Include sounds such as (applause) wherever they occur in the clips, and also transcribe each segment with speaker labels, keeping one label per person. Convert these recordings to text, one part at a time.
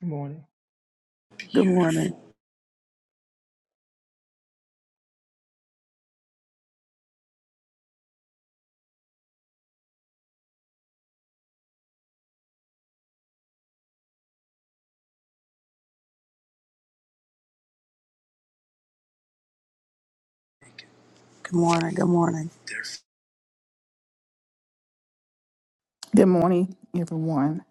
Speaker 1: Good morning.
Speaker 2: Good morning. Good morning. Good morning.
Speaker 3: Good morning, everyone.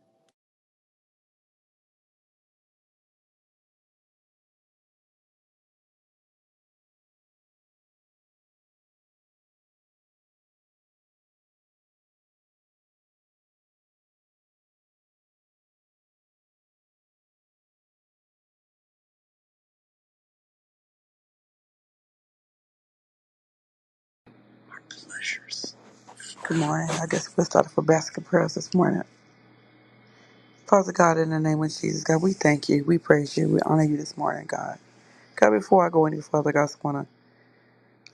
Speaker 2: Good morning. I guess we'll start off with basket prayers this morning. Father God, in the name of Jesus, God, we thank you. We praise you. We honor you this morning, God. God, before I go any further, God, I just want to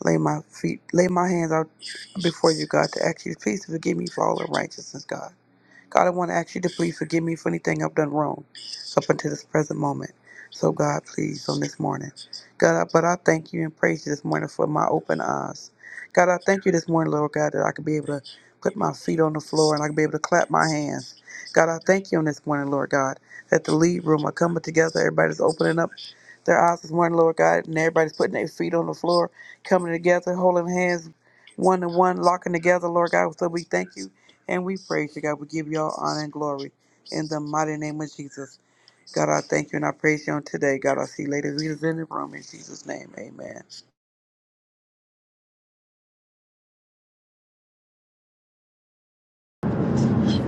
Speaker 2: lay my feet, lay my hands out before you, God, to ask you, please forgive me for all unrighteousness, God. God, I want to ask you to please forgive me for anything I've done wrong up until this present moment. So, God, please, on this morning. God, I- but I thank you and praise you this morning for my open eyes. God, I thank you this morning, Lord God, that I can be able to put my feet on the floor and I can be able to clap my hands. God, I thank you on this morning, Lord God, that the lead room are coming together. Everybody's opening up their eyes is morning, Lord God, and everybody's putting their feet on the floor, coming together, holding hands, one to one, locking together, Lord God. So we thank you and we praise you, God. We give you all honor and glory in the mighty name of Jesus. God, I thank you and I praise you on today. God, I see Lady Rita's in the room in Jesus' name. Amen.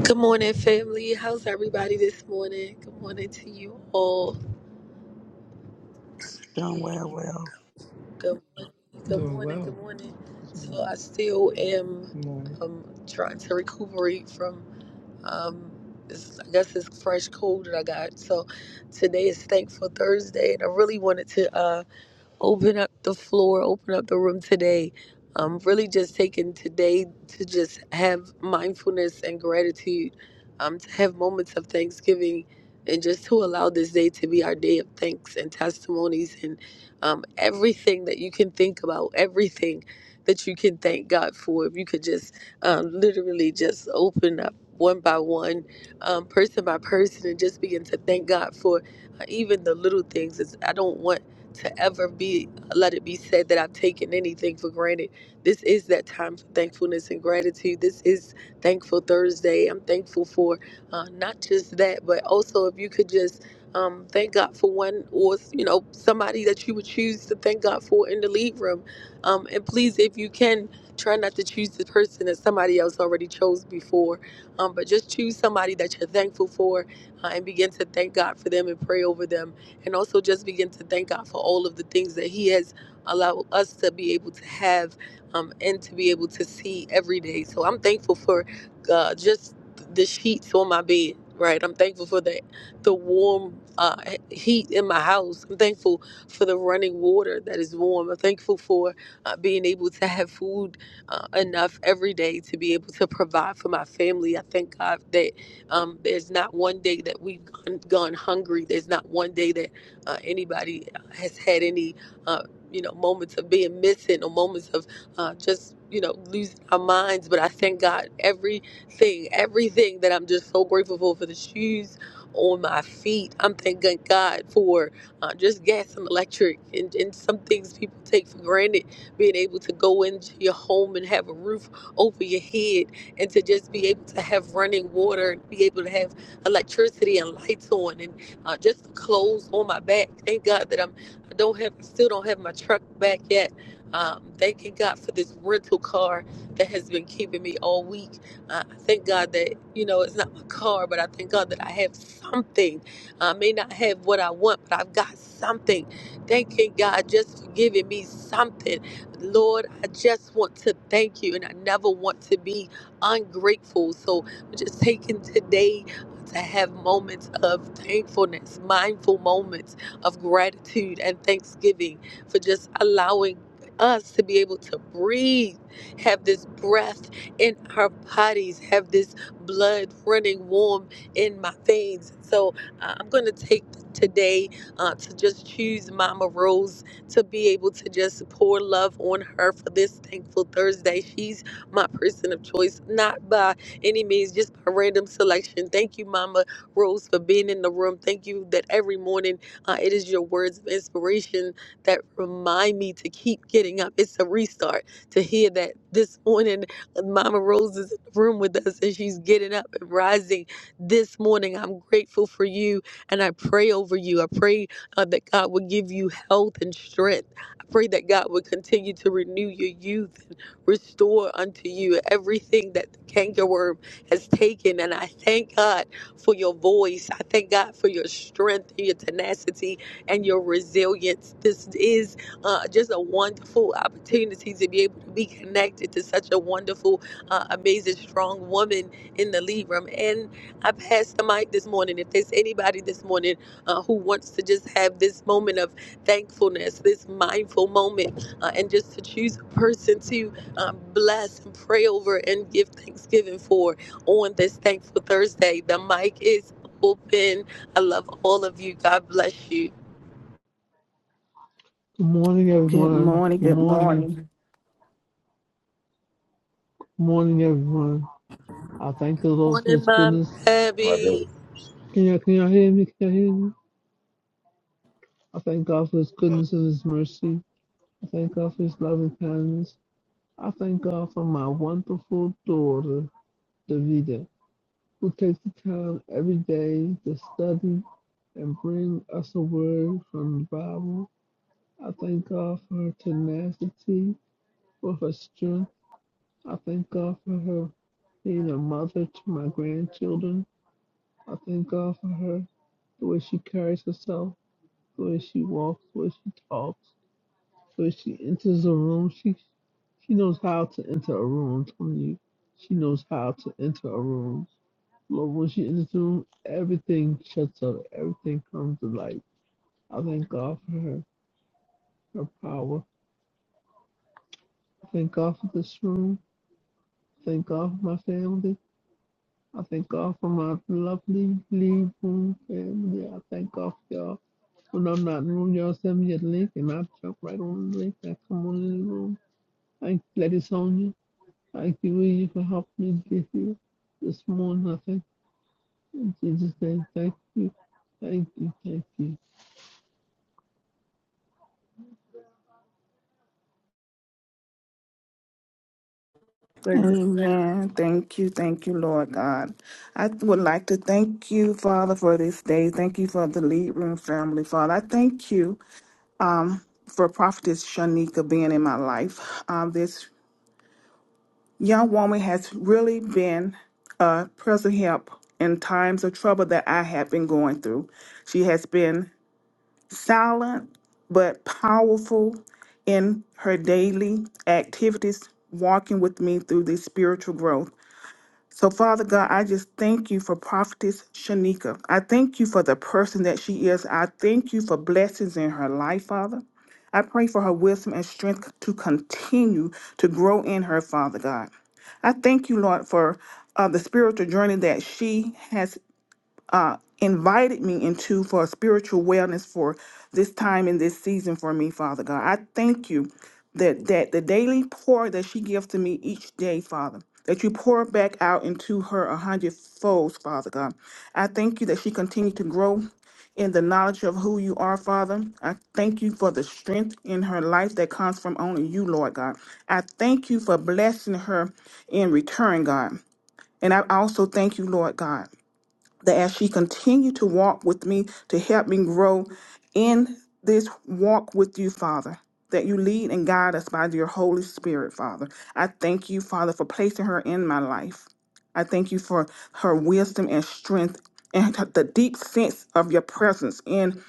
Speaker 4: Good morning, family. How's everybody this morning? Good morning to you all.
Speaker 2: Done well, well.
Speaker 4: Good morning. Good
Speaker 1: Doing
Speaker 4: morning. Good
Speaker 1: well
Speaker 4: morning.
Speaker 1: this
Speaker 4: So
Speaker 1: morning.
Speaker 4: I still am
Speaker 1: Good morning.
Speaker 4: um, trying to recuperate from um, this, I guess this fresh cold that I got. So today is Thankful Thursday, and I really wanted to. Uh, open up the floor, open up the room today. Um, really just taking today to just have mindfulness and gratitude, um, to have moments of thanksgiving, and just to allow this day to be our day of thanks and testimonies and um, everything that you can think about, everything that you can thank God for. If you could just um, literally just open up one by one, um, person by person, and just begin to thank God for uh, even the little things. It's, I don't want to ever be let it be said that I've taken anything for granted. This is that time for thankfulness and gratitude. This is Thankful Thursday. I'm thankful for uh, not just that, but also if you could just um, thank God for one or you know somebody that you would choose to thank God for in the lead room, um, and please if you can try not to choose the person that somebody else already chose before, um, but just choose somebody that you're thankful for uh, and begin to thank God for them and pray over them and also just begin to thank God for all of the things that He has allowed us to be able to have um, and to be able to see every day. So I'm thankful for uh, just the sheets on my bed. Right, I'm thankful for the the warm uh, heat in my house. I'm thankful for the running water that is warm. I'm thankful for uh, being able to have food uh, enough every day to be able to provide for my family. I thank God that um, there's not one day that we've gone, gone hungry. There's not one day that uh, anybody has had any, uh, you know, moments of being missing or moments of uh, just, you know, losing our minds. But I thank God everything, everything that I'm just so grateful for, for the shoes on my feet. I'm thanking God for uh, just gas and electric and, and some things people take for granted, being able to go into your home and have a roof over your head and to just be able to have running water and be able to have electricity and lights on uh, just the clothes on my back. Thank God that I'm I don't have still don't have my truck back yet. Um, thanking God for this rental car that has been keeping me all week. Uh, I thank God that you know it's not my car, but I thank God that I have something. I may not have what I want, but I've got something. Thanking God just for giving me something. Lord, I just want to thank you, and I never want to be ungrateful. So I'm just taking today to have moments of thankfulness, mindful moments of gratitude and thanksgiving for just allowing us to be able to breathe, have this breath in our bodies, have this blood running warm in my veins. So uh, I'm going to take today uh, to just choose Mama Rose to be able to just pour love on her for this thankful Thursday. She's my person of choice, not by any means, just by random selection. Thank you, Mama Rose, for being in the room. Thank you that every morning uh, it is your words of inspiration that remind me to keep getting up. It's a restart to hear that this morning uh, Mama Rose is in the room with us and she's getting up and rising this morning. I'm grateful for you and I pray over you. I pray uh, that God would give you health and strength. I pray that God would continue to renew your youth restore unto you everything that the cankerworm has taken. And I thank God for your voice. I thank God for your strength, your tenacity, and your resilience. This is uh, just a wonderful opportunity to be able to be connected to such a wonderful, uh, amazing, strong woman in the lead room. And I passed the mic this morning. If there's anybody this morning uh, who wants to just have this moment of thankfulness, this mindful moment, uh, and just to choose a person to um, bless and pray over and give thanksgiving for on this thankful Thursday. The mic is open. I love all of you. God bless you.
Speaker 5: Good morning,
Speaker 3: Good
Speaker 5: everyone.
Speaker 3: morning.
Speaker 5: Good
Speaker 3: Good
Speaker 5: morning.
Speaker 3: morning.
Speaker 5: Good morning, everyone. I thank the Lord for
Speaker 4: Morning,
Speaker 5: His
Speaker 4: Mom
Speaker 5: goodness.
Speaker 6: My God.
Speaker 4: Abby.
Speaker 5: Can y'all, can y'all hear me? Can y'all hear me? I thank God for His
Speaker 1: Yes.
Speaker 5: goodness and His mercy. I thank God for His loving and kindness. I thank God for my wonderful daughter, Davida, who takes the time every day to study and bring us a word from the Bible. I thank God for her tenacity, for her strength. I thank God for her being a mother to my grandchildren. I thank God for her, the way she carries herself, the way she walks, the way she talks, the way she enters a room. She she knows how to enter a room. I'm telling you, she knows how to enter a room. Lord, when she enters the room, everything shuts up. Everything comes to light. I thank God for her, her power. I thank God for this room. Thank God for my family. I thank God for my lovely Leewoon family. I thank God for y'all. When I'm not in the room, y'all send me a link and I jump right on the link. I come on in the room. Thank you, Lady Sonia. Thank you, William, for helping me get here this morning. I thank you. In Jesus' name, thank you. Thank you. Thank you.
Speaker 2: Ladies,
Speaker 3: Amen. Thank you. Thank you, Lord God. I would like to thank you, Father, for this day. Thank you for the lead room family, Father. I thank you for Prophetess Shanika being in my life. Um, this young woman has really been a present help in times of trouble that I have been going through. She has been silent but powerful in her daily activities, walking with me through this spiritual growth. So, Father God, I just thank you for Prophetess Shanika. I thank you for the person that she is. I thank you for blessings in her life, Father. I pray for her wisdom and strength to continue to grow in her, Father God. I thank you, Lord, for uh, the spiritual journey that she has uh, invited me into for spiritual wellness for this time and this season for me, Father God. I thank you that that the daily pour that she gives to me each day, Father, that you pour back out into her a hundred folds, Father God. I thank you that she continues to grow in the knowledge of who you are, Father. I thank you for the strength in her life that comes from only you, Lord God. I thank you for blessing her in return, God. And I also thank you, Lord God that as she continued to walk with me to help me grow in this walk with you, Father, that you lead and guide us by your Holy Spirit, Father. I thank you, Father, for placing her in my life. I thank you for her wisdom and strength and the deep sense of your presence in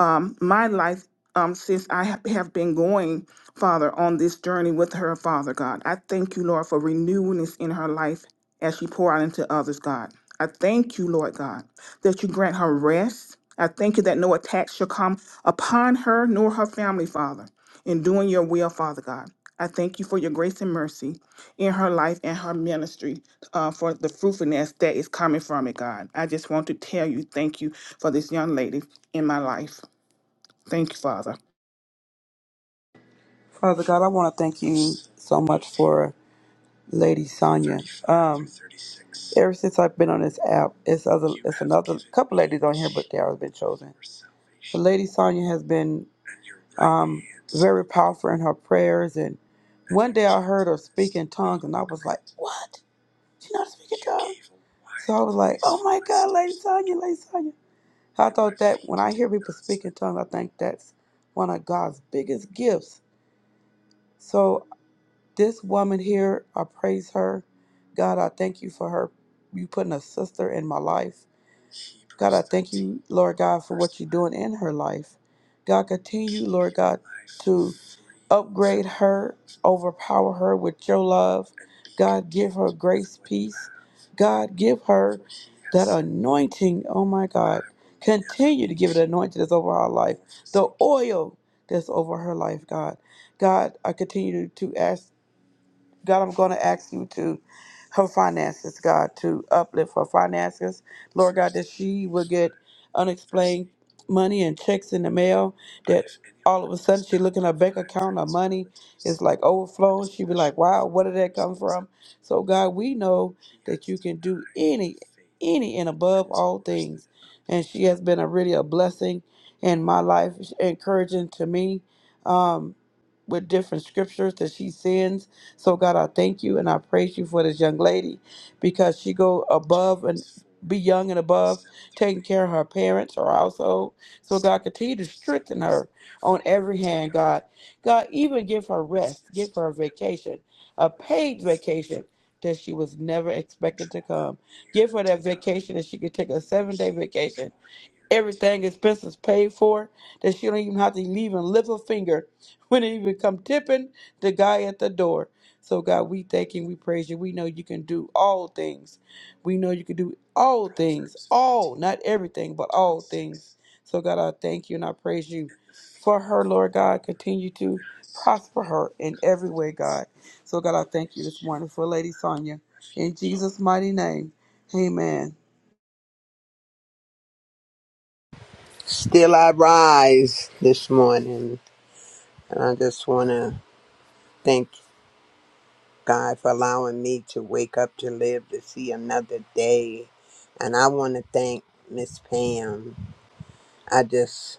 Speaker 3: um, my life um, since I ha- have been going, Father, on this journey with her, Father God. I thank you, Lord, for renewing this in her life as she pour out into others, God. I thank you, Lord God, that you grant her rest. I thank you that no attack shall come upon her nor her family, Father, in doing your will, Father God. I thank you for your grace and mercy in her life and her ministry uh, for the fruitfulness that is coming from it, God. I just want to tell you, thank you for this young lady in my life. Thank you, Father.
Speaker 2: Father God, I want to thank you so much for Lady Sonya. Um, ever since I've been on this app, it's other, it's another couple ladies on here, but they always been chosen. But Lady Sonya has been um, very powerful in her prayers, and one day I heard her speak in tongues, and I was like, "What? She not speaking tongues?" So I was like, "Oh my God, Lady Sonya, Lady Sonya." I thought that when I hear people speak in tongues, I think that's one of God's biggest gifts. So this woman here, I praise her. God, I thank you for her. You putting a sister in my life. God, I thank you, Lord God, for what you're doing in her life. God, continue, Lord God, to upgrade her, overpower her with your love. God, give her grace, peace. God, give her that anointing. Oh my God. Continue to give it anointing that's over her life. The oil that's over her life, God. God, I continue to ask God, I'm going to ask you to her finances, God, to uplift her finances. Lord God, that she will get unexplained money and checks in the mail that all of a sudden she look in her bank account, her money is like overflowing. She be like, wow, where did that come from? So God, we know that you can do any, any and above all things. And she has been a really a blessing in my life, encouraging to me. Um, with different scriptures that she sends. So God, I thank you and I praise you for this young lady because she go above and be young and above, taking care of her parents, her household. So God, continue to strengthen her on every hand, God. God, even give her rest, give her a vacation a paid vacation that she was never expected to come. Give her that vacation that she could take a seven day vacation. Everything expenses paid for that she don't even have to even lift a finger (laughs) when it even come tipping the guy at the door. So God, we thank you, we praise you. We know you can do all things. We know you can do all things. All, not everything, but all things. So God, I thank you and I praise you for her, Lord God. Continue to prosper her in every way, God. So, God, I thank you this morning for Lady Sonya. In Jesus' mighty name, amen.
Speaker 7: Still I rise this morning, and I just want to thank God for allowing me to wake up to live to see another day. And I want to thank Miss Pam. I just,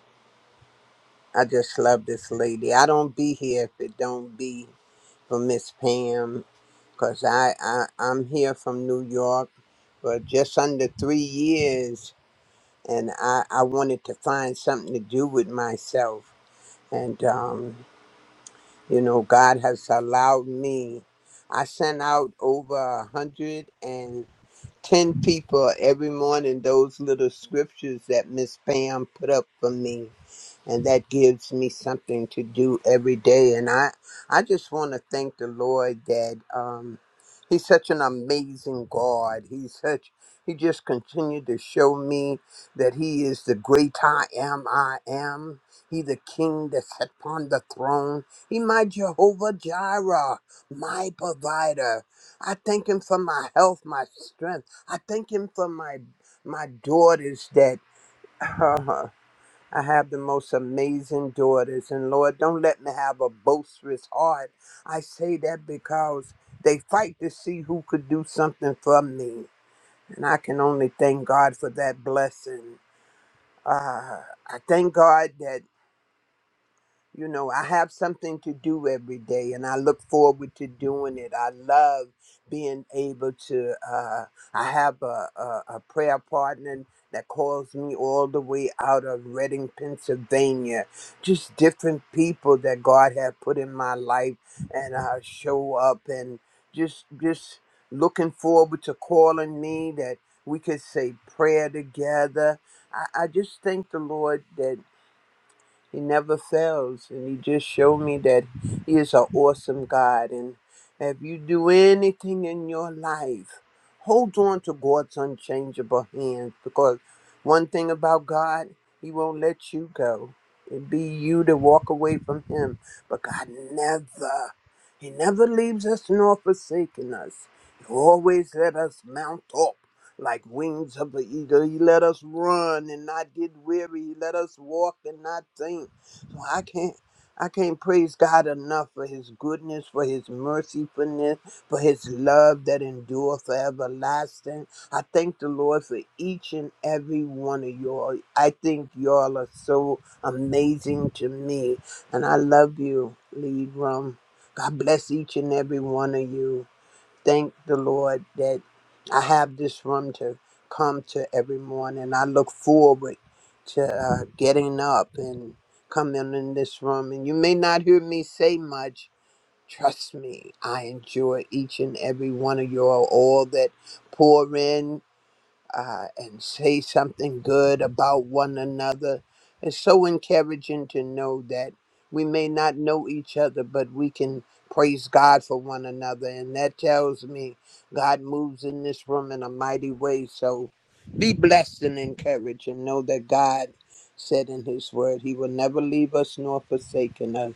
Speaker 7: I just love this lady. I don't be here if it don't be for Miss Pam, cause I, I, I'm here from New York for just under three years, and I, I wanted to find something to do with myself, and um. You know, God has allowed me. I sent out over a 110 people every morning those little scriptures that Miss Pam put up for me and that gives me something to do every day and i i just want to thank the lord that um he's such an amazing god he's such he just continued to show me that he is the great i am i am he the king that sat upon the throne he my jehovah jireh my provider i thank him for my health my strength i thank him for my my daughters that (laughs) I have the most amazing daughters, and Lord, don't let me have a boisterous heart. I say that because they fight to see who could do something for me, and I can only thank God for that blessing. Uh, I thank God that. You know, I have something to do every day and I look forward to doing it. I love being able to, uh, I have a, a, a prayer partner that calls me all the way out of Reading, Pennsylvania. Just different people that God has put in my life and uh, show up and just, just looking forward to calling me that we could say prayer together. I, I just thank the Lord that. He never fails, and He just showed me that He is an awesome God. And if you do anything in your life, hold on to God's unchangeable hands because one thing about God, He won't let you go. It'd be you to walk away from Him, but God never, He never leaves us nor forsaken us. He always let us mount up like wings of an eagle, he let us run and not get weary. He let us walk and not faint. So I can't, I can't praise God enough for His goodness, for His mercifulness, for His love that endure for everlasting. I thank the Lord for each and every one of y'all. I think y'all are so amazing to me, and I love you, Lead Rum. God bless each and every one of you thank the Lord that I have this room to come to every morning. I look forward to uh, getting up and coming in this room. And you may not hear me say much. Trust me, I enjoy each and every one of you all, all that pour in uh, and say something good about one another. It's so encouraging to know that we may not know each other, but we can praise God for one another. And that tells me God moves in this room in a mighty way. So be blessed and encouraged and know that God said in his word, he will never leave us nor forsaken us.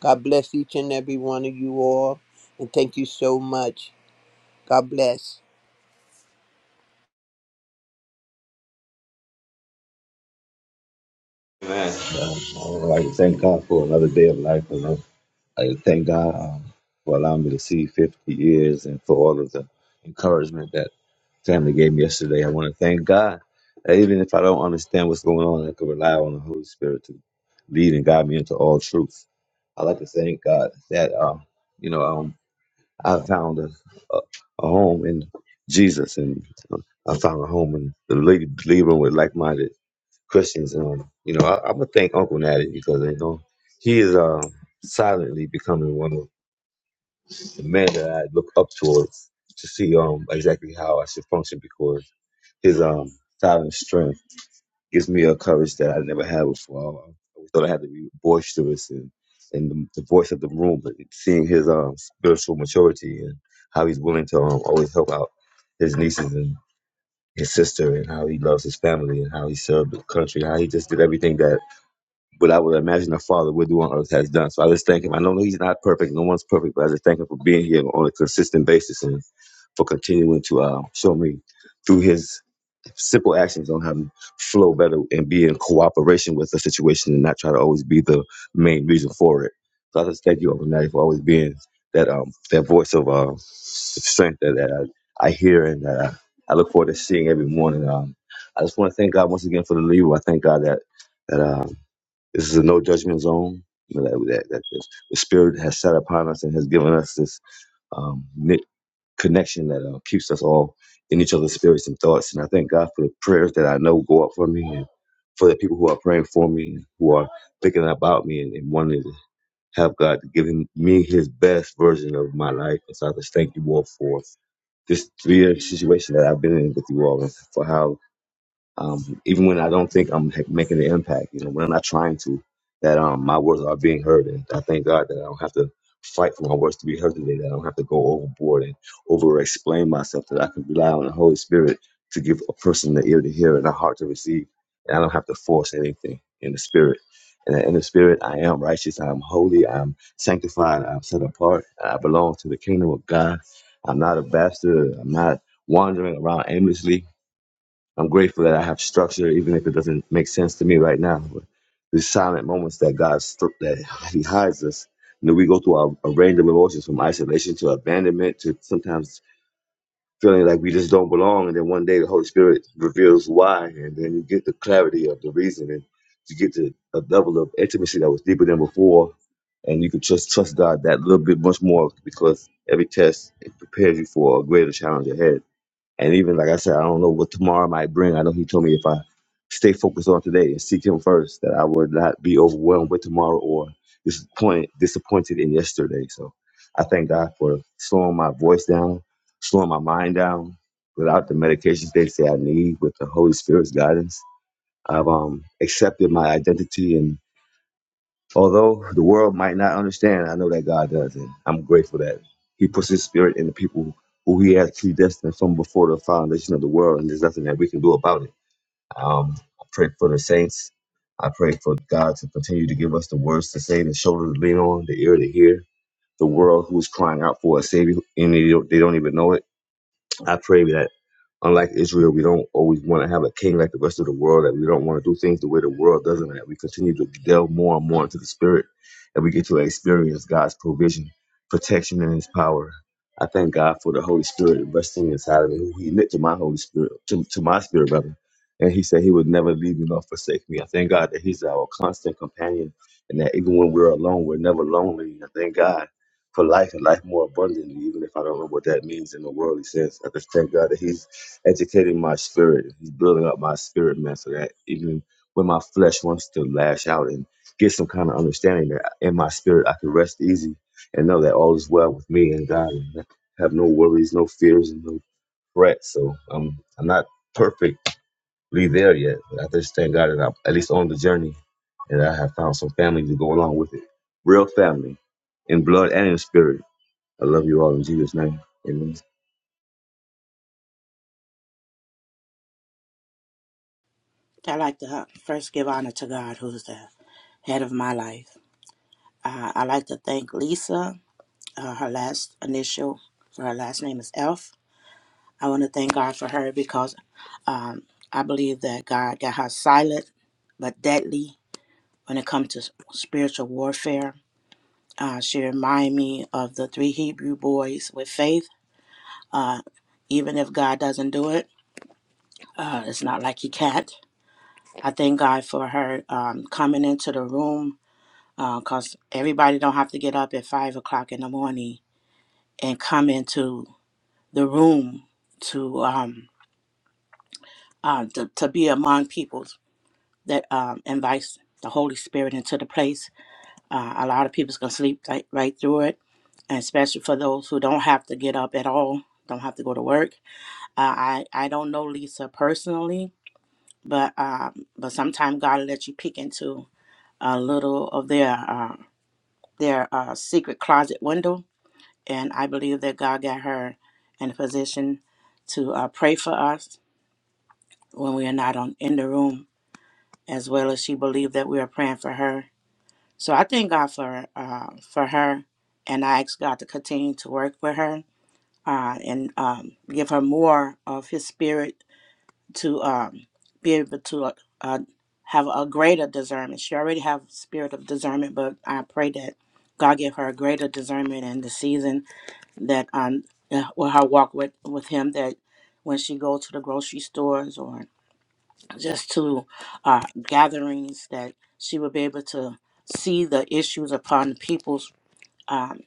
Speaker 7: God bless each and every one of you all. And thank you so much. God bless.
Speaker 6: Amen. So I would like to thank God for another day of life. And I I thank God um, for allowing me to see 50 years and for all of the encouragement that family gave me yesterday. I want to thank God that even if I don't understand what's going on, I can rely on the Holy Spirit to lead and guide me into all truth. I like to thank God that uh, you know um, I found a, a, a home in Jesus, and uh, I found a home in the lady living with like-minded Christians. Um, you know, I, I'm gonna thank Uncle Natty because you know he is um silently becoming one of the men that I look up towards to see um exactly how I should function because his um silent strength gives me a courage that I never had before. I always thought I had to be boisterous and and the, the voice of the room, but seeing his um spiritual maturity and how he's willing to um, always help out his nieces and his sister and how he loves his family and how he served the country, how he just did everything that what I would imagine a father would do on earth has done. So I just thank him. I know he's not perfect, no one's perfect, but I just thank him for being here on a consistent basis and for continuing to uh, show me through his simple actions on how to flow better and be in cooperation with the situation and not try to always be the main reason for it. So I just thank you, Almighty, for always being that um that voice of uh, strength that, that I, I hear and that I, I look forward to seeing every morning. Um, I just want to thank God once again for the leader. I thank God that that. um, this is a no judgment zone you know, that, that, that the, the Spirit has set upon us and has given us this um, knit connection that uh, keeps us all in each other's spirits and thoughts. And I thank God for the prayers that I know go up for me and for the people who are praying for me, who are thinking about me and, and wanting to have God to give him, me his best version of my life. And so I just thank you all for this three-year situation that I've been in with you all and for how um, even when I don't think I'm ha- making an impact, you know, when I'm not trying to, that um, my words are being heard. And I thank God that I don't have to fight for my words to be heard today, that I don't have to go overboard and over explain myself, that I can rely on the Holy Spirit to give a person the ear to hear and a heart to receive. And I don't have to force anything in the Spirit. And in the Spirit, I am righteous, I am holy, I'm sanctified, I'm set apart, and I belong to the kingdom of God. I'm not a bastard, I'm not wandering around aimlessly. I'm grateful that I have structure, even if it doesn't make sense to me right now. But these silent moments that God stru- that (laughs) He hides us, you know, we go through a, a range of emotions from isolation to abandonment to sometimes feeling like we just don't belong. And then one day the Holy Spirit reveals why, and then you get the clarity of the reason, and you get to a level of intimacy that was deeper than before. And you can just trust God that little bit much more because every test it prepares you for a greater challenge ahead. And even like I said, I don't know what tomorrow might bring. I know he told me if I stay focused on today and seek him first, that I would not be overwhelmed with tomorrow or disappoint disappointed in yesterday. So I thank God for slowing my voice down, slowing my mind down without the medications they say I need with the Holy Spirit's guidance. I've um, accepted my identity and. Although the world might not understand, I know that God does, and I'm grateful that He puts His Spirit in the people who He has predestined from before the foundation of the world, and there's nothing that we can do about it. Um, I pray for the saints. I pray for God to continue to give us the words to say, the shoulder to lean on, the ear to hear. The world who's crying out for a Savior, and they don't, they don't even know it. I pray that, unlike Israel, we don't always want to have a king like the rest of the world, that we don't want to do things the way the world does, and that we continue to delve more and more into the spirit, and we get to experience God's provision, protection, and his power. I thank God for the Holy Spirit resting inside of me, who he knit to my Holy Spirit, to, to my spirit, brother. And he said he would never leave me nor forsake me. I thank God that he's our constant companion and that even when we're alone, we're never lonely. I thank God for life and life more abundantly, even if I don't know what that means in a worldly sense. I just thank God that He's educating my spirit. He's building up my spirit, man, so that even when my flesh wants to lash out and get some kind of understanding that in my spirit I can rest easy and know that all is well with me and God and have no worries, no fears, and no threats. So um, I'm not perfectly there yet, but I just thank God that I'm at least on the journey and I have found some family to go along with it. Real family in blood and in spirit I love you all in Jesus' name. Amen.
Speaker 8: I like to uh, first give honor to God, who's the head of my life. Uh, I like to thank Lisa, uh, her last initial for her last name is Elf. I want to thank God for her because um, I believe that God got her silent but deadly when it comes to s- spiritual warfare. Uh, she reminded me of the three Hebrew boys with faith. Uh, even if God doesn't do it, uh, it's not like He can't. I thank God for her um, coming into the room because everybody don't have to get up at five o'clock in the morning and come into the room to um uh, to, to be among people that um, invites the Holy Spirit into the place. Uh, a lot of people's gonna sleep right, right through it, and especially for those who don't have to get up at all, don't have to go to work. Uh, I I don't know Lisa personally, but um, but sometimes God will let you peek into a little of their uh, their uh, secret closet window and I believe that God got her in a position to uh, pray for us when we are not on in the room, as well as she believed that we are praying for her. So I thank God for uh, for her, and I ask God to continue to work with her uh, and um, give her more of His Spirit to um, be able to uh, uh, have a greater discernment. She already have spirit of discernment, but I pray that God give her a greater discernment in the season that on uh, or her walk with with him that when she go to the grocery stores or just to uh, gatherings that she would be able to see the issues upon people's um,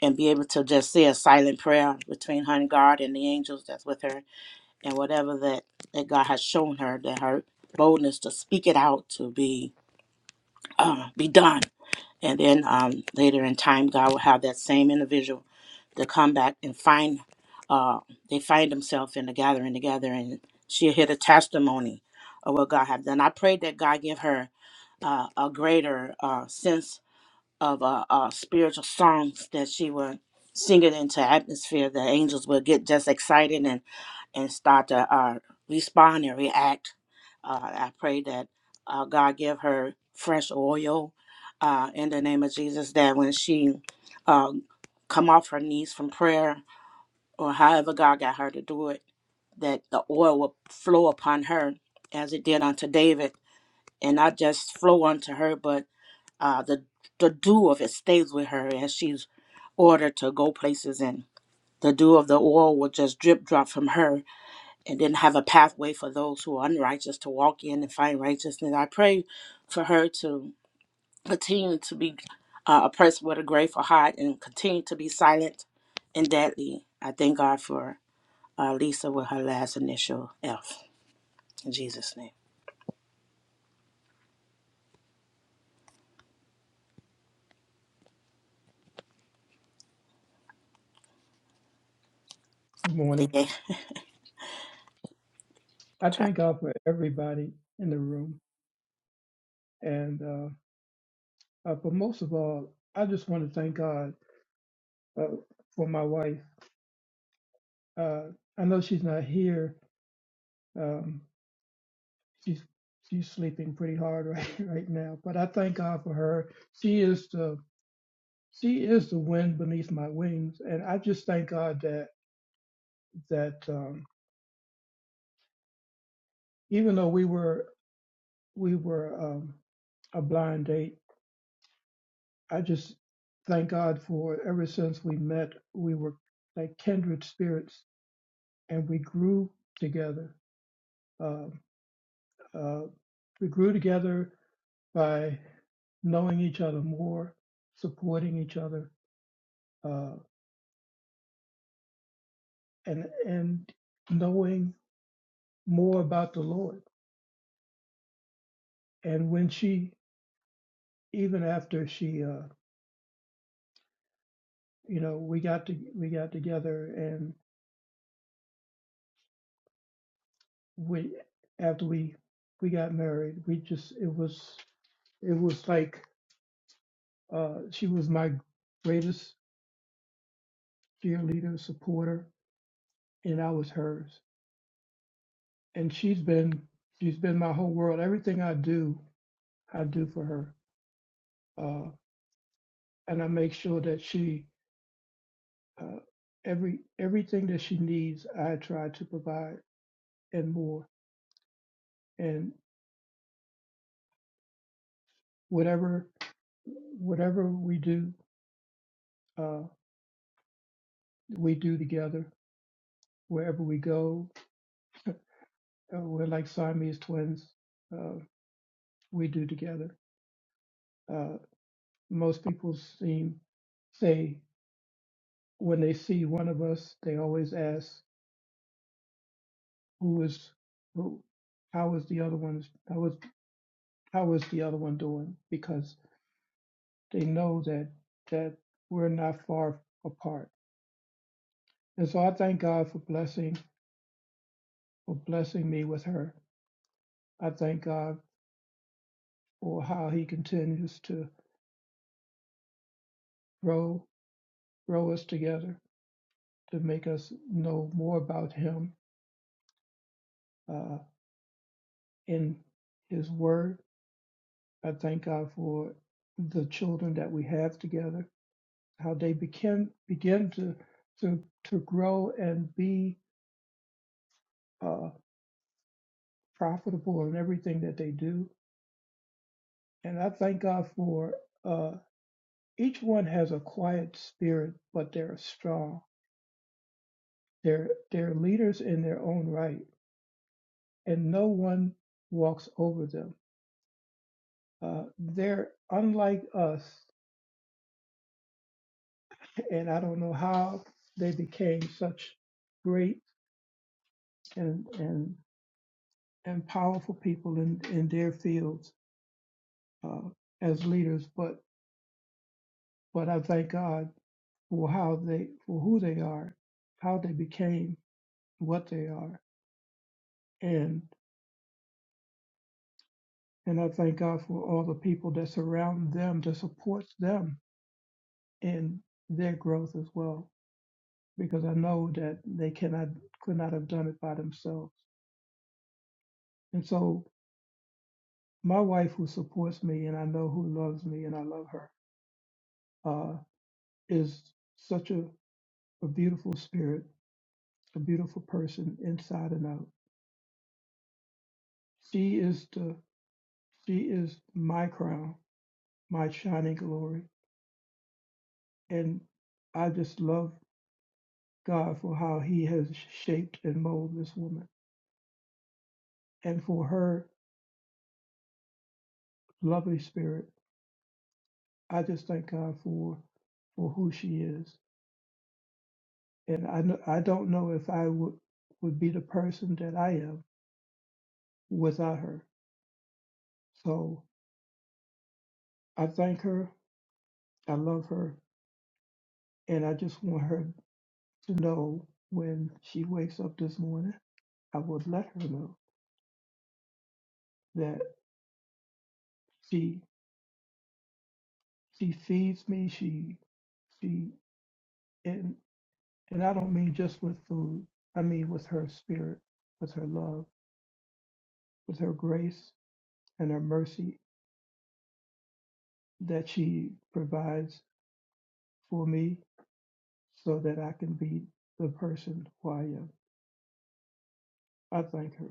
Speaker 8: and be able to just say a silent prayer between her and God and the angels that's with her and whatever that, that God has shown her that her boldness to speak it out to be uh, be done and then um, later in time, God will have that same individual to come back and find, uh, they find themselves in the gathering together and she'll hear the testimony of what God have done. I pray that God give her uh, a greater uh, sense of uh, uh, spiritual songs that she would sing it into atmosphere. The angels would get just excited and and start to uh, respond and react. Uh, I pray that uh, God give her fresh oil uh, in the name of Jesus. That when she uh, come off her knees from prayer or however God got her to do it, that the oil will flow upon her as it did unto David, and not just flow unto her, but uh, the the dew of it stays with her as she's ordered to go places and the dew of the oil will just drip drop from her and then have a pathway for those who are unrighteous to walk in and find righteousness. I pray for her to continue to be uh, oppressed with a grateful heart and continue to be silent and deadly. I thank God for uh, Lisa with her last initial F in Jesus' name.
Speaker 1: Good
Speaker 8: Thank
Speaker 1: morning.
Speaker 8: you.
Speaker 1: I thank God for everybody in the room. And, uh, uh, but most of all, I just want to thank God uh, for my wife. Uh, I know she's not here. Um, she's, she's sleeping pretty hard (laughs) right, right now, but I thank God for her. She is the, she is the wind beneath my wings. And I just thank God that, that, um, even though we were, we were, um, a blind date, I just thank God for ever since we met, we were like kindred spirits and we grew together. Um, uh, we grew together by knowing each other more, supporting each other, uh, and and knowing more about the Lord. And when she, even after she, uh, you know, we got to we got together, and we after we we got married, we just it was it was like Uh, she was my greatest cheerleader, supporter, and I was hers. And she's been she's been my whole world. Everything I do, I do for her, uh, and I make sure that she uh, every everything that she needs, I try to provide and more. And whatever whatever we do, uh, we do together. Wherever we go, uh, we're like Siamese twins. Uh, we do together. Uh, Most people seem say when they see one of us, they always ask, "Who is who? How is the other one? How is how is the other one doing?" Because they know that that we're not far apart. And so I thank God for blessing for blessing me with her. I thank God for how He continues to grow grow us together to make us know more about Him uh, in His Word I thank God for the children that we have together, how they begin begin to to to grow and be uh, profitable in everything that they do. And I thank God for uh, each one has a quiet spirit, but they're strong. They're they're leaders in their own right, and no one walks over them. Uh, they're unlike us, and I don't know how they became such great and and and powerful people in, in their fields uh, as leaders. But but I thank God for how they for who they are, how they became what they are, and and I thank God for all the people that surround them that supports them in their growth as well, because I know that they cannot could not have done it by themselves. And so my wife, who supports me and I know who loves me and I love her, uh, is such a, a beautiful spirit a beautiful person inside and out. She is the she is my crown, my shining glory. And I just love God for how he has shaped and molded this woman and for her lovely spirit. I just thank God for for who she is. And I kn- I don't know if I would would be the person that I am without her. So I thank her. I love her. And I just want her to know when she wakes up this morning. I would let her know that she she feeds me. She she and and I don't mean just with food. I mean with her spirit, with her love, with her grace and her mercy that she provides for me, so that I can be the person who I am. I thank her.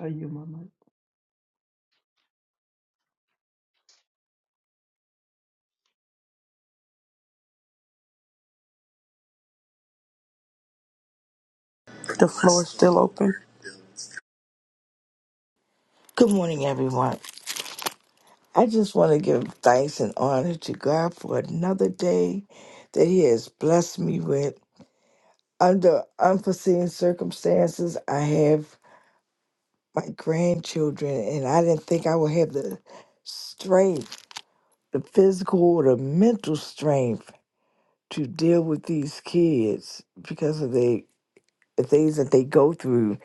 Speaker 1: I yield my mic.
Speaker 2: The floor is still open.
Speaker 9: Good morning, everyone. I just want to give thanks and honor to God for another day that He has blessed me with. Under unforeseen circumstances, I have my grandchildren, and I didn't think I would have the strength, the physical or the mental strength to deal with these kids because of the, the things that they go through,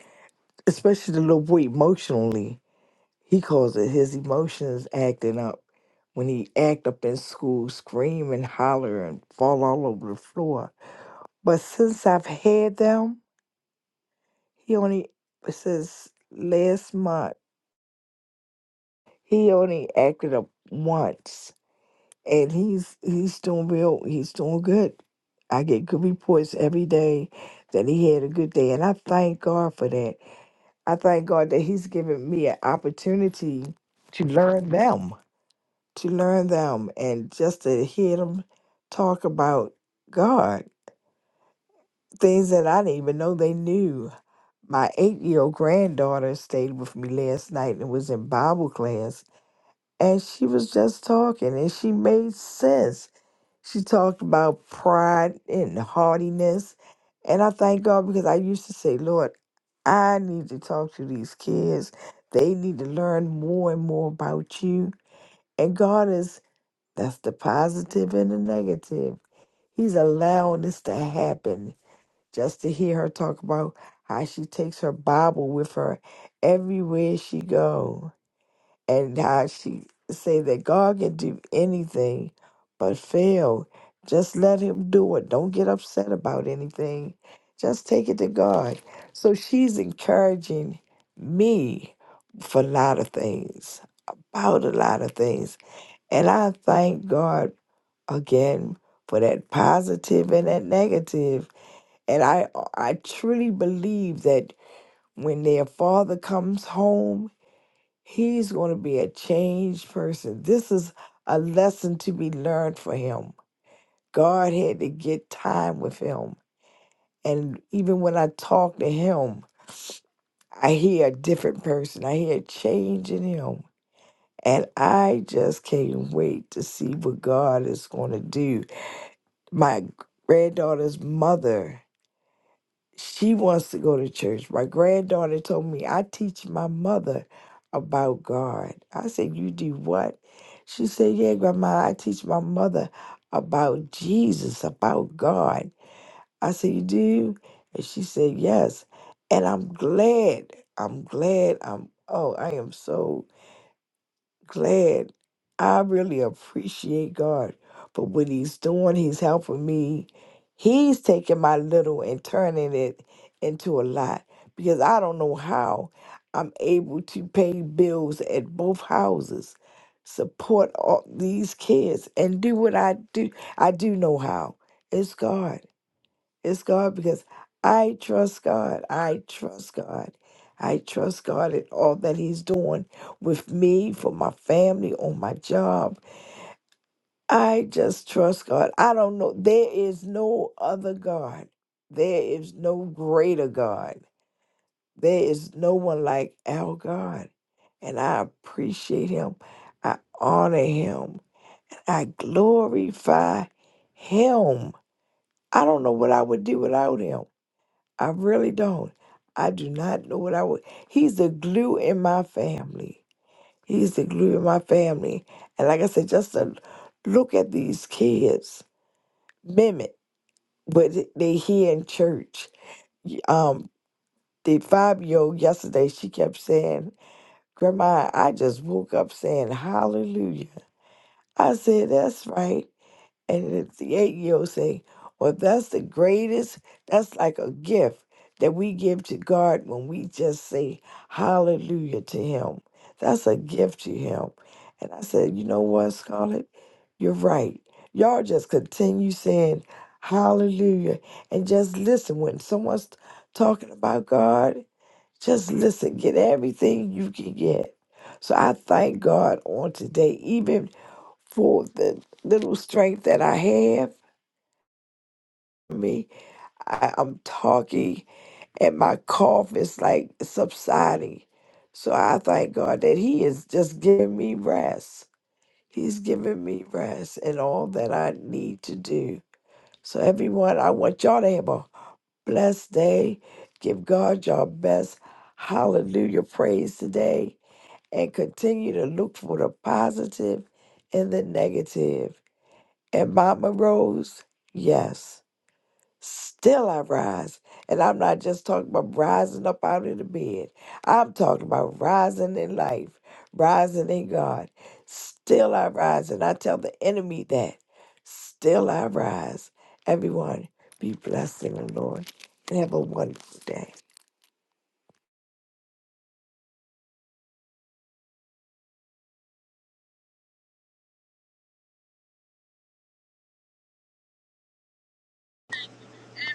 Speaker 9: especially the little boy emotionally. he calls it his emotions acting up when he act up in school scream and holler and fall all over the floor but since i've had them he only since last month he only acted up once and he's he's doing real he's doing good i get good reports every day that he had a good day and i thank god for that i thank god that he's given me an opportunity to learn them to learn them and just to hear them talk about God, things that I didn't even know they knew. My eight year old granddaughter stayed with me last night and was in Bible class, and she was just talking and she made sense. She talked about pride and haughtiness. And I thank God because I used to say, Lord, I need to talk to these kids. They need to learn more and more about you. And God is That's the positive and the negative. He's allowing this to happen just to hear her talk about how she takes her Bible with her everywhere she go and how she say that God can do anything but fail. Just let him do it. Don't get upset about anything. Just take it to God. So she's encouraging me for a lot of things, about a lot of things. And I thank God again for that positive and that negative. And I I truly believe that when their father comes home, he's going to be a changed person. This is a lesson to be learned for him. God had to get time with him. And even when I talk to him, I hear a different person. I hear a change in him. And I just can't wait to see what God is going to do. My granddaughter's mother she wants to go to church. My granddaughter told me, I teach my mother about God. I said, You do what? She said, Yeah, Grandma, I teach my mother about Jesus, about God. I said, You do? And she said, Yes. And I'm glad. I'm glad. I'm, oh, I am so glad. I really appreciate God for what He's doing. He's helping me. He's taking my little and turning it into a lot because I don't know how I'm able to pay bills at both houses, support all these kids, and do what I do. I do know how. It's God. It's God because I trust God. I trust God. I trust God in all that He's doing with me, for my family, on my job. I just trust God. I don't know. There is no other God. There is no greater God. There is no one like our God. And I appreciate Him. I honor Him. I glorify Him. I don't know what I would do without Him. I really don't. I do not know what I would. He's the glue in my family. He's the glue in my family. And like I said, just to look at these kids mimic what they hear in church. Y- Um, the five year old yesterday, she kept saying, Grandma, I just woke up saying hallelujah. I said, That's right. And the the eight year old say, Well, that's the greatest, that's like a gift that we give to God when we just say hallelujah to Him. That's a gift to Him. And I said, You know what, Scarlett? You're right. Y'all just continue saying hallelujah and just listen. When someone's talking about God, just listen. Get everything you can get. So I thank God on today, even for the little strength that I have. Me, I, I'm talking, and my cough is like subsiding. So I thank God that He is just giving me rest. He's giving me rest and all that I need to do. So everyone, I want y'all to have a blessed day. Give God your best. Hallelujah. Praise today. And continue to look for the positive and the negative and mama rose, yes, still I rise. And I'm not just talking about rising up out of the bed. I'm talking about rising in life, rising in God. Still I rise. And I tell the enemy that. Still I rise. Everyone, be blessed in the Lord and have a wonderful day.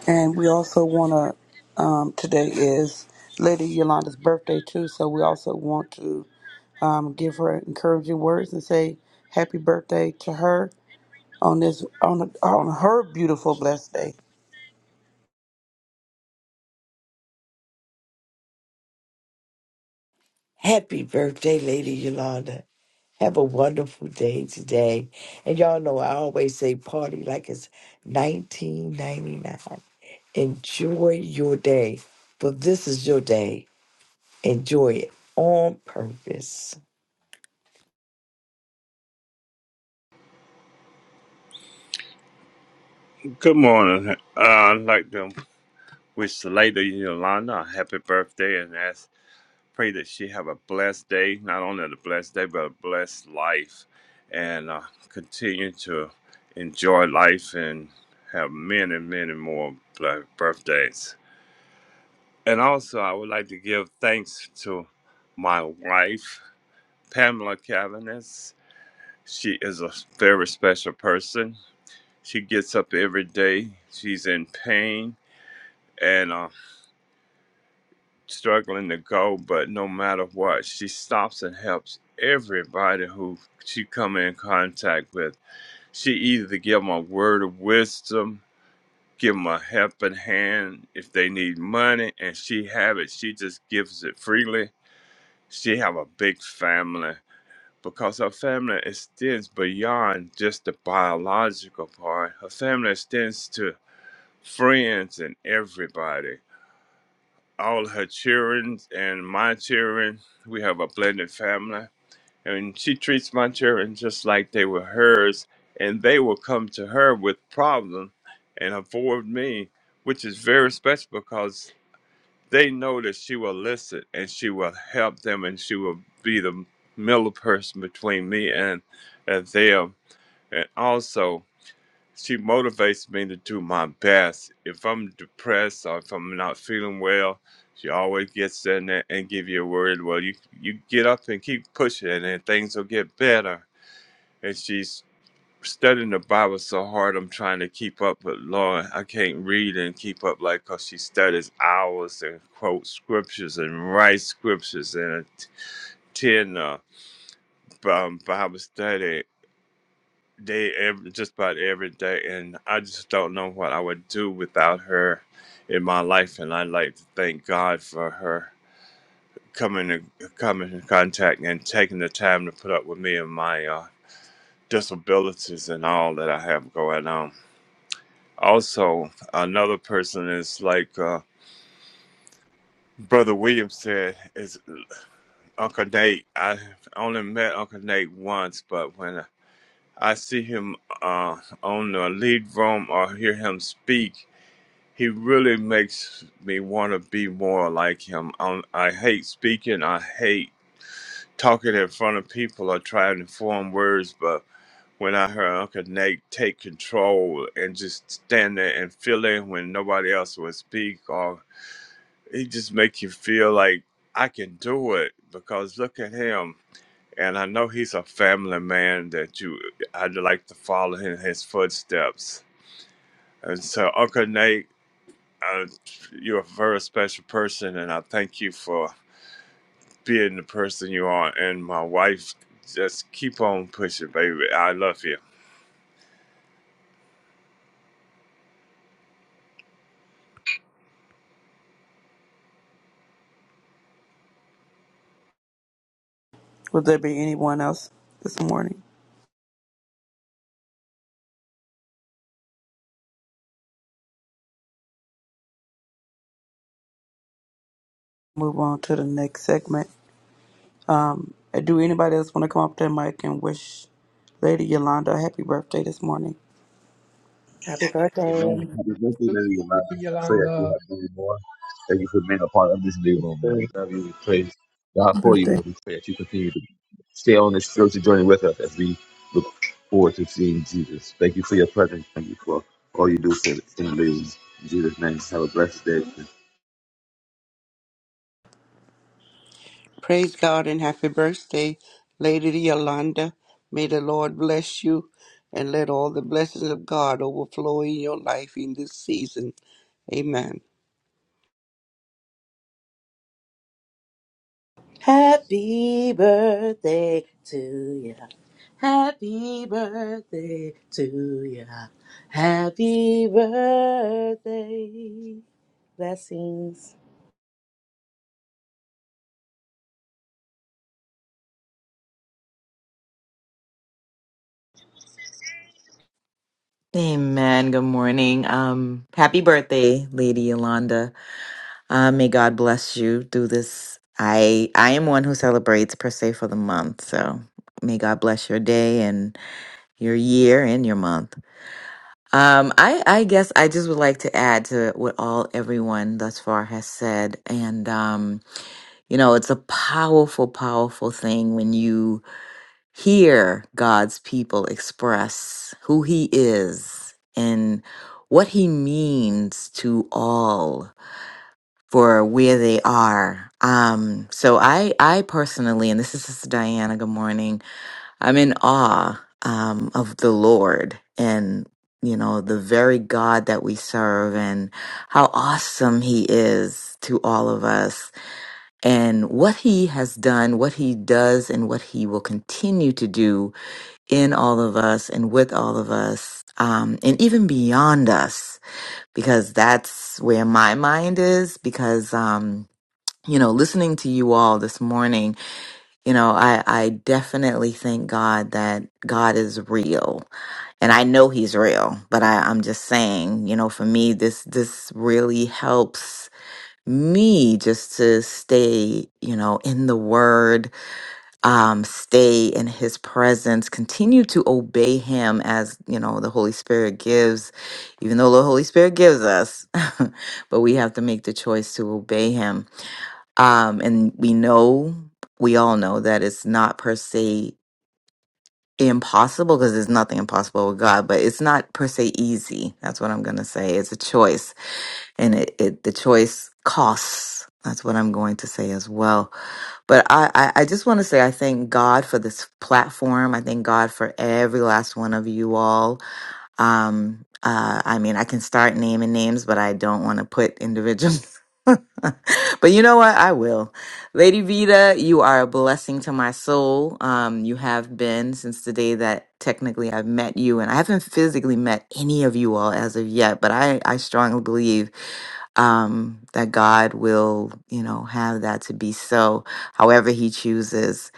Speaker 2: And we also want to, um, today is Lady Yolanda's birthday too, so we also want to um, give her encouraging words and say happy birthday to her on this on on her beautiful blessed day.
Speaker 9: Happy birthday, Lady Yolanda. Have a wonderful day today. And y'all know I always say party like it's 1999. Enjoy your day, for this is your day. Enjoy it on purpose.
Speaker 10: Good morning. Uh, I'd like to wish the lady Yolanda a happy birthday and ask, pray that she have a blessed day, not only a blessed day, but a blessed life, and uh, continue to enjoy life and have many, many more bl- birthdays. And also, I would like to give thanks to my wife, Pamela Cavanis. She is a very special person. She gets up every day. She's in pain and uh, struggling to go, but no matter what, she stops and helps everybody who she come in contact with. She either give them a word of wisdom, give them a helping hand if they need money, and she have it. She just gives it freely. She have a big family because her family extends beyond just the biological part. Her family extends to friends and everybody. all her children and my children. We have a blended family. And she treats my children just like they were hers. And they will come to her with problems and avoid me, which is very special because they know that she will listen and she will help them and she will be the middle person between me and, and them. And also, she motivates me to do my best. If I'm depressed or if I'm not feeling well, she always gets in there and give you a word. Well, you you get up and keep pushing, and things will get better. And she's studying the Bible so hard, I'm trying to keep up, but Lord, I can't read and keep up like 'cause she studies hours and quotes scriptures and writes scriptures and attend uh, um, Bible study day every, just about every day and i just don't know what i would do without her in my life and i like to thank god for her coming in coming in contact and taking the time to put up with me and my uh, disabilities and all that i have going on also another person is like uh, brother william said is uncle nate i only met uncle nate once but when i see him uh, on the lead room or hear him speak he really makes me want to be more like him. Um, I hate speaking. I hate talking in front of people or trying to form words. But when I heard Uncle Nate take control and just stand there and fill in when nobody else would speak, or he just make you feel like I can do it because look at him. And I know he's a family man that you I'd like to follow in his footsteps. And so Uncle Nate uh, you're a very special person, and I thank you for being the person you are. And my wife, just keep on pushing, baby. I love you.
Speaker 2: Would there be anyone else this morning? Move on to the next segment. Um, do anybody else want to come up to the mic and wish Lady Yolanda a happy birthday this morning?
Speaker 8: Happy
Speaker 6: Amen.
Speaker 1: Happy
Speaker 8: birthday.
Speaker 6: Happy birthday
Speaker 1: Tuesday,
Speaker 6: to you, man. I pray that you
Speaker 1: Yolanda.
Speaker 6: have many more. Thank you for being a part of this new room, man. We love you. We praise God for
Speaker 11: birthday.
Speaker 6: you. And we pray that you continue to stay on this spiritual journey with us as we look forward to seeing Jesus. Thank you for your presence. Thank you for all you do for the community. In Jesus' name, have a blessed day.
Speaker 12: Praise God and happy birthday, Lady Yolanda. May the Lord bless you and let all the blessings of God overflow in your life in this season. Amen.
Speaker 8: Happy birthday to ya. Happy birthday to ya. Happy birthday. Blessings.
Speaker 13: Amen. Good morning. Um, happy birthday, Lady Yolanda. Uh, may God bless you through this. I I am one who celebrates per se for the month, so may God bless your day and your year and your month. Um, I I guess I just would like to add to what all everyone thus far has said, and um, you know, it's a powerful, powerful thing when you hear God's people express who He is and what He means to all for where they are. Um, so I, I personally, and this is Sister Diana. Good morning. I'm in awe um, of the Lord and you know the very God that we serve and how awesome He is to all of us and what He has done, what He does, and what He will continue to do in all of us and with all of us, um, and even beyond us, because that's where my mind is. Because, um, you know, listening to you all this morning, you know, I, I definitely thank God that God is real and I know he's real, but I, I'm just saying, you know, for me, this this really helps me just to stay, you know, in the word um, stay in his presence, continue to obey him as you know the Holy Spirit gives, even though the Holy Spirit gives us, (laughs) but we have to make the choice to obey him. Um, and we know, we all know that it's not per se impossible because there's nothing impossible with God, but it's not per se easy. That's what I'm going to say. It's a choice, and it, it the choice costs. That's what I'm going to say as well but I, I, I just want to say I thank God for this platform. I thank God for every last one of you all. Um, uh, I mean, I can start naming names, but I don't want to put individuals. (laughs) but you know what? I will. Lady Vita, you are a blessing to my soul. Um, you have been since the day that technically I've met you, and I haven't physically met any of you all as of yet, but I, I strongly believe um, that God will, you know, have that to be so, however He chooses.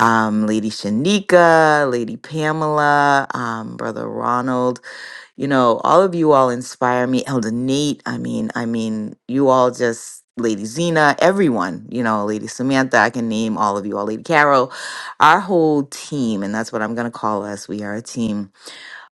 Speaker 13: Um, Lady Shanika, Lady Pamela, um, Brother Ronald, you know, all of you all inspire me. Elder Nate, I mean, I mean, you all just Lady Zena, everyone, you know, Lady Samantha, I can name all of you all, Lady Carol, our whole team, and that's what I'm gonna call us. We are a team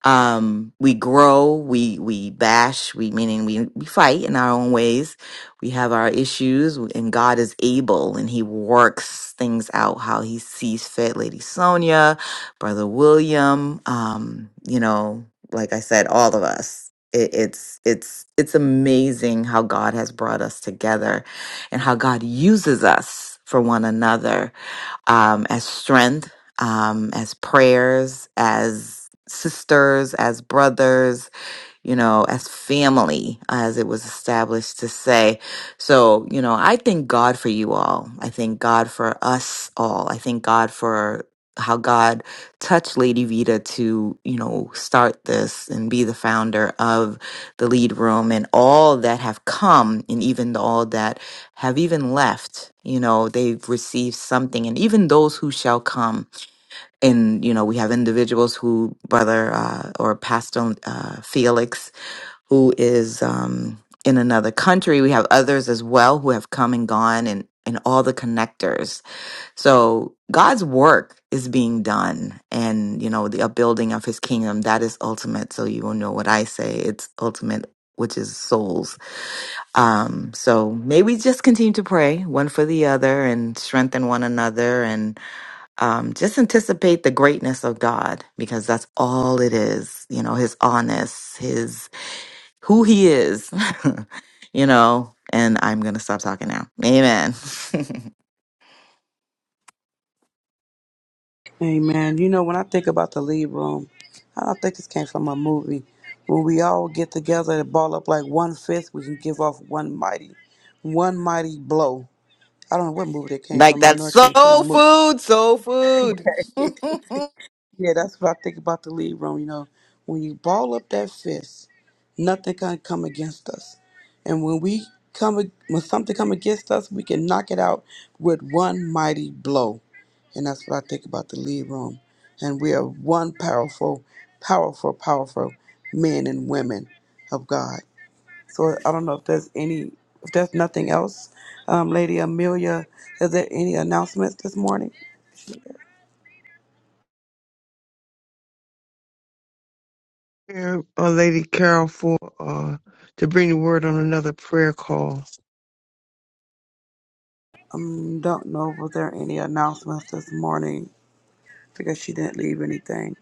Speaker 13: um we grow we we bash we meaning we we fight in our own ways we have our issues and god is able and he works things out how he sees fit lady sonia brother william um you know like i said all of us it, it's it's it's amazing how god has brought us together and how god uses us for one another um, as strength, um, as prayers, as sisters, as brothers, you know, as family, as it was established to say. So, you know, I thank God for you all. I thank God for us all. I thank God for how God touched Lady Vita to, you know, start this and be the founder of the lead room and all that have come and even all that have even left, you know, they've received something and even those who shall come and you know we have individuals who brother uh, or pastor uh, felix who is um, in another country. We have others as well who have come and gone and, and all the connectors. So God's work is being done and, you know, the upbuilding of his kingdom, that is ultimate. So you will know what I say. It's ultimate, which is souls. Um, so may we just continue to pray one for the other and strengthen one another and um, just anticipate the greatness of God because that's all it is. You know, his honest, his who he is, (laughs) you know, and I'm going to stop talking now. Amen. (laughs)
Speaker 2: Amen. You know, when I think about the lead room, I don't think this came from a movie. When we all get together and ball up like one fist, we can give off one mighty, one mighty blow. I don't know what movie that came
Speaker 13: like
Speaker 2: from. I
Speaker 13: that's
Speaker 2: know it came from a
Speaker 13: soul
Speaker 2: movie.
Speaker 13: food, soul food. (laughs)
Speaker 2: Yeah, that's what I think about the lead room. You know, when you ball up that fist, nothing can come against us. And when we come, ag- when something come against us, we can knock it out with one mighty blow. And that's what I think about the lead room. And we are one powerful, powerful, powerful men and women of God. So I don't know if there's any, if there's nothing else, um, Lady Amelia, is there any announcements this morning?
Speaker 14: Prayer, uh, Lady Carol, for uh, to bring the word on another prayer call.
Speaker 2: Um, don't know. Was there any announcements this morning? I guess she didn't leave anything.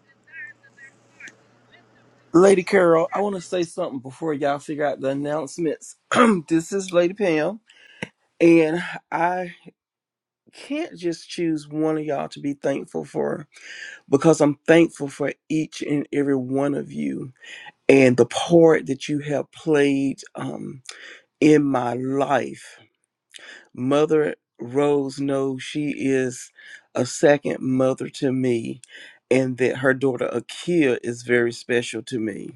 Speaker 15: Lady Carol, I want to say something before y'all figure out the announcements. (clears throat) this is Lady Pam, and I can't just choose one of y'all to be thankful for because I'm thankful for each and every one of you and the part that you have played um, in my life. Mother Rose knows she is a second mother to me, and that her daughter Akia is very special to me.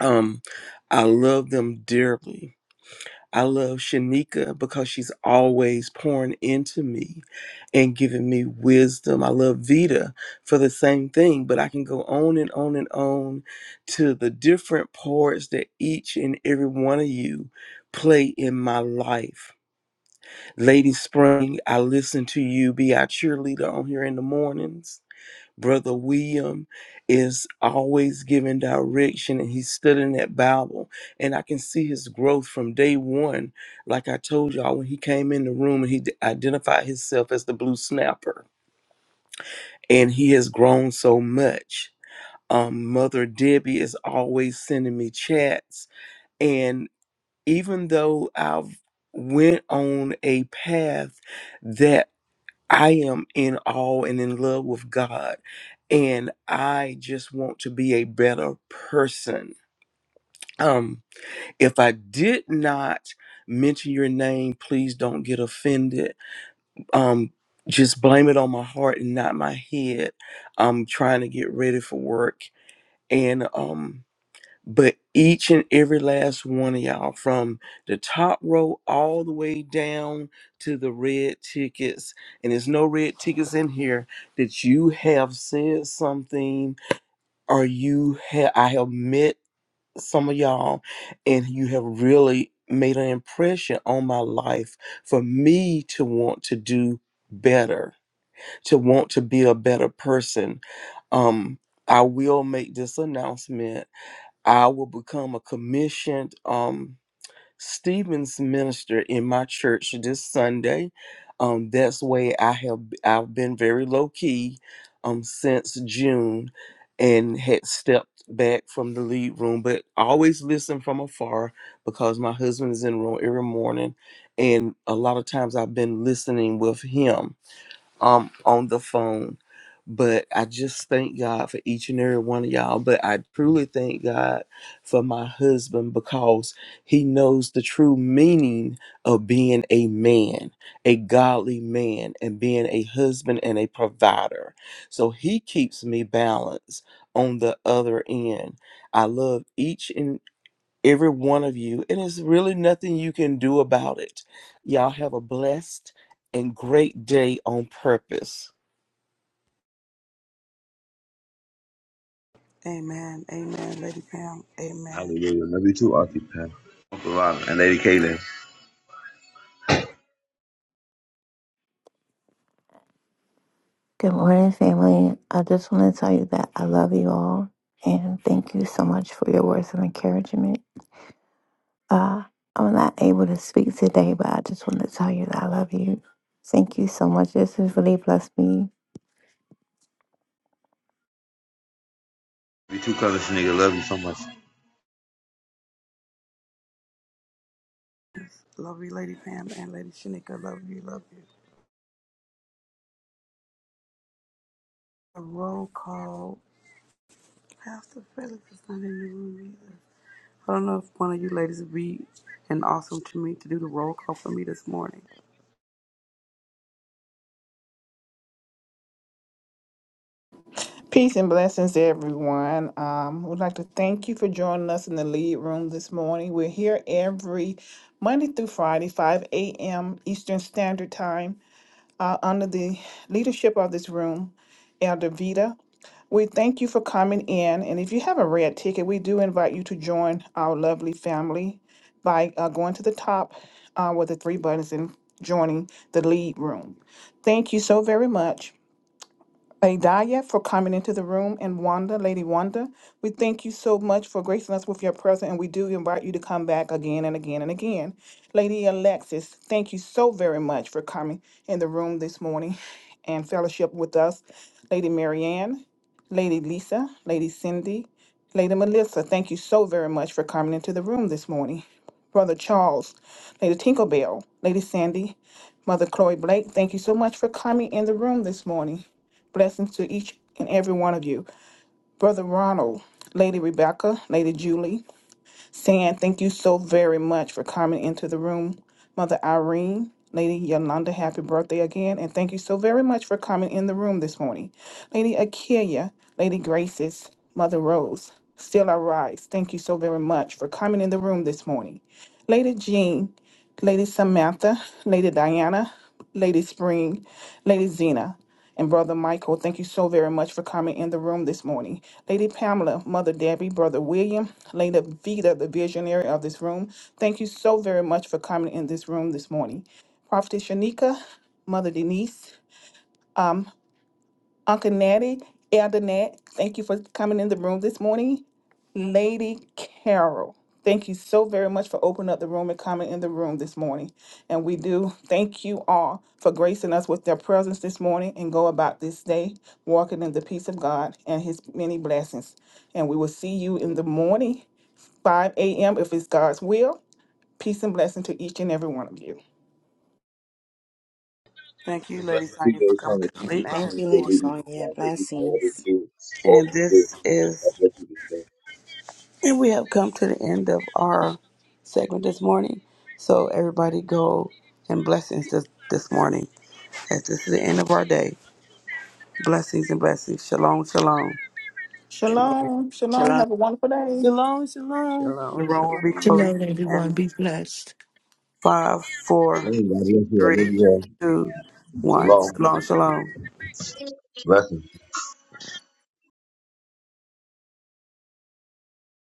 Speaker 15: Um, I love them dearly. I love Shanika because she's always pouring into me and giving me wisdom. I love Vita for the same thing, but I can go on and on and on to the different parts that each and every one of you play in my life. Lady Spring, I listen to you be our cheerleader on here in the mornings. Brother William is always giving direction and he stood in that Bible. And I can see his growth from day one. Like I told y'all, when he came in the room and he d- identified himself as the blue snapper. And he has grown so much. Um, Mother Debbie is always sending me chats. And even though I've went on a path I am in awe and in love with God, and I just want to be a better person. Um, if I did not mention your name, please don't get offended. Um, just blame it on my heart and not my head. I'm trying to get ready for work, and um, but each and every last one of y'all, from the top row all the way down to the red tickets, and there's no red tickets in here, that you have said something or you have, I have met some of y'all and you have really made an impression on my life for me to want to do better, to want to be a better person. Um, I will make this announcement I will become a commissioned um, Stevens minister in my church this Sunday. Um, that's way I have I've been very low key um, since June, and had stepped back from the lead room, but I always listen from afar because my husband is in the room every morning, and a lot of times I've been listening with him um on the phone. But I just thank God for each and every one of y'all. But I truly thank God for my husband because he knows the true meaning of being a man, a godly man, and being a husband and a provider. So he keeps me balanced on the other end. I love each and every one of you. And it's really nothing you can do about it. Y'all have a blessed and great day on purpose.
Speaker 2: Amen. Amen, Lady Pam. Amen.
Speaker 6: Hallelujah. Love you too, Auntie Pam. Uncle Ron and Lady Kaylin. Love
Speaker 16: Good morning, family. I just want to tell you that I love you all and thank you so much for your words of encouragement. Uh, I'm not able to speak today, but I just want to tell you that I love you. Thank you so much. This has really blessed me.
Speaker 6: you too, Cousin Shanigga. Love you so much.
Speaker 2: Love you, Lady Pam and Lady Shanika. Love you. Love you. A roll call. Pastor Felix is not in the room either. I don't know if one of you ladies would be an awesome to me to do the roll call for me this morning.
Speaker 3: Peace and blessings to everyone. Um, we'd like to thank you for joining us in the lead room this morning. We're here every Monday through Friday, 5 a.m. Eastern Standard Time, uh, under the leadership of this room, Elder Vita. We thank you for coming in. And if you have a red ticket, we do invite you to join our lovely family by uh, going to the top uh, with the three buttons and joining the lead room. Thank you so very much. Adaya for coming into the room and Wanda, Lady Wanda. We thank you so much for gracing us with your presence and we do invite you to come back again and again and again. Lady Alexis, thank you so very much for coming in the room this morning (laughs) and fellowship with us. Lady Marianne, Lady Lisa, Lady Cindy, Lady Melissa, thank you so very much for coming into the room this morning. Brother Charles, Lady Tinkerbell, Lady Sandy, Mother Chloe Blake, thank you so much for coming in the room this morning. Blessings to each and every one of you. Brother Ronald, Lady Rebecca, Lady Julie, saying thank you so very much for coming into the room. Mother Irene, Lady Yolanda, happy birthday again. And thank you so very much for coming in the room this morning. Lady Akia, Lady Graces, Mother Rose, Still I Rise, thank you so very much for coming in the room this morning. Lady Jean, Lady Samantha, Lady Diana, Lady Spring, Lady Zena, and Brother Michael, thank you so very much for coming in the room this morning. Lady Pamela, Mother Debbie, Brother William, Lady Vita, the visionary of this room, thank you so very much for coming in this room this morning. Prophetess Shanika, Mother Denise, um, Uncle Natty, Elder Nat, thank you for coming in the room this morning. Lady Carol, thank you so very much for opening up the room and coming in the room this morning. And we do thank you all for gracing us with their presence this morning and go about this day walking in the peace of God and his many blessings. And we will see you in the morning, 5 a.m., if it's God's will. Peace and blessing to each and every one of you.
Speaker 2: Thank you,
Speaker 6: and
Speaker 2: Lady
Speaker 6: blessings to
Speaker 2: Sonya, for
Speaker 6: you,
Speaker 2: coming
Speaker 6: Lord Father.
Speaker 2: to the
Speaker 6: Thank you
Speaker 2: lead
Speaker 6: for
Speaker 2: room
Speaker 12: Amen.
Speaker 8: Thank
Speaker 6: coming
Speaker 8: you,
Speaker 2: this
Speaker 6: to
Speaker 8: Lady
Speaker 6: the
Speaker 2: morning.
Speaker 6: reading this
Speaker 8: Sonia.
Speaker 6: morning. Thank you for all you
Speaker 8: Blessings.
Speaker 6: do, all
Speaker 2: And
Speaker 6: you do.
Speaker 2: this is
Speaker 6: God bless you this day.
Speaker 2: And we have come to the end of our segment this morning. So everybody go and blessings this, this morning. As this is the end of our day. Blessings and blessings. Shalom, shalom.
Speaker 12: Amen.
Speaker 3: Shalom. Shalom.
Speaker 8: Shalom.
Speaker 3: Have a wonderful day.
Speaker 17: Shalom, shalom.
Speaker 2: The
Speaker 12: Shalom,
Speaker 2: room will be
Speaker 12: shalom.
Speaker 9: Shalom,
Speaker 2: closing
Speaker 9: everyone.
Speaker 2: in
Speaker 9: Be blessed.
Speaker 2: five, four,
Speaker 6: Amen. God bless you. I love
Speaker 2: three,
Speaker 6: you all.
Speaker 2: two, one.
Speaker 6: Shalom.
Speaker 2: Shalom, shalom.
Speaker 6: Blessings.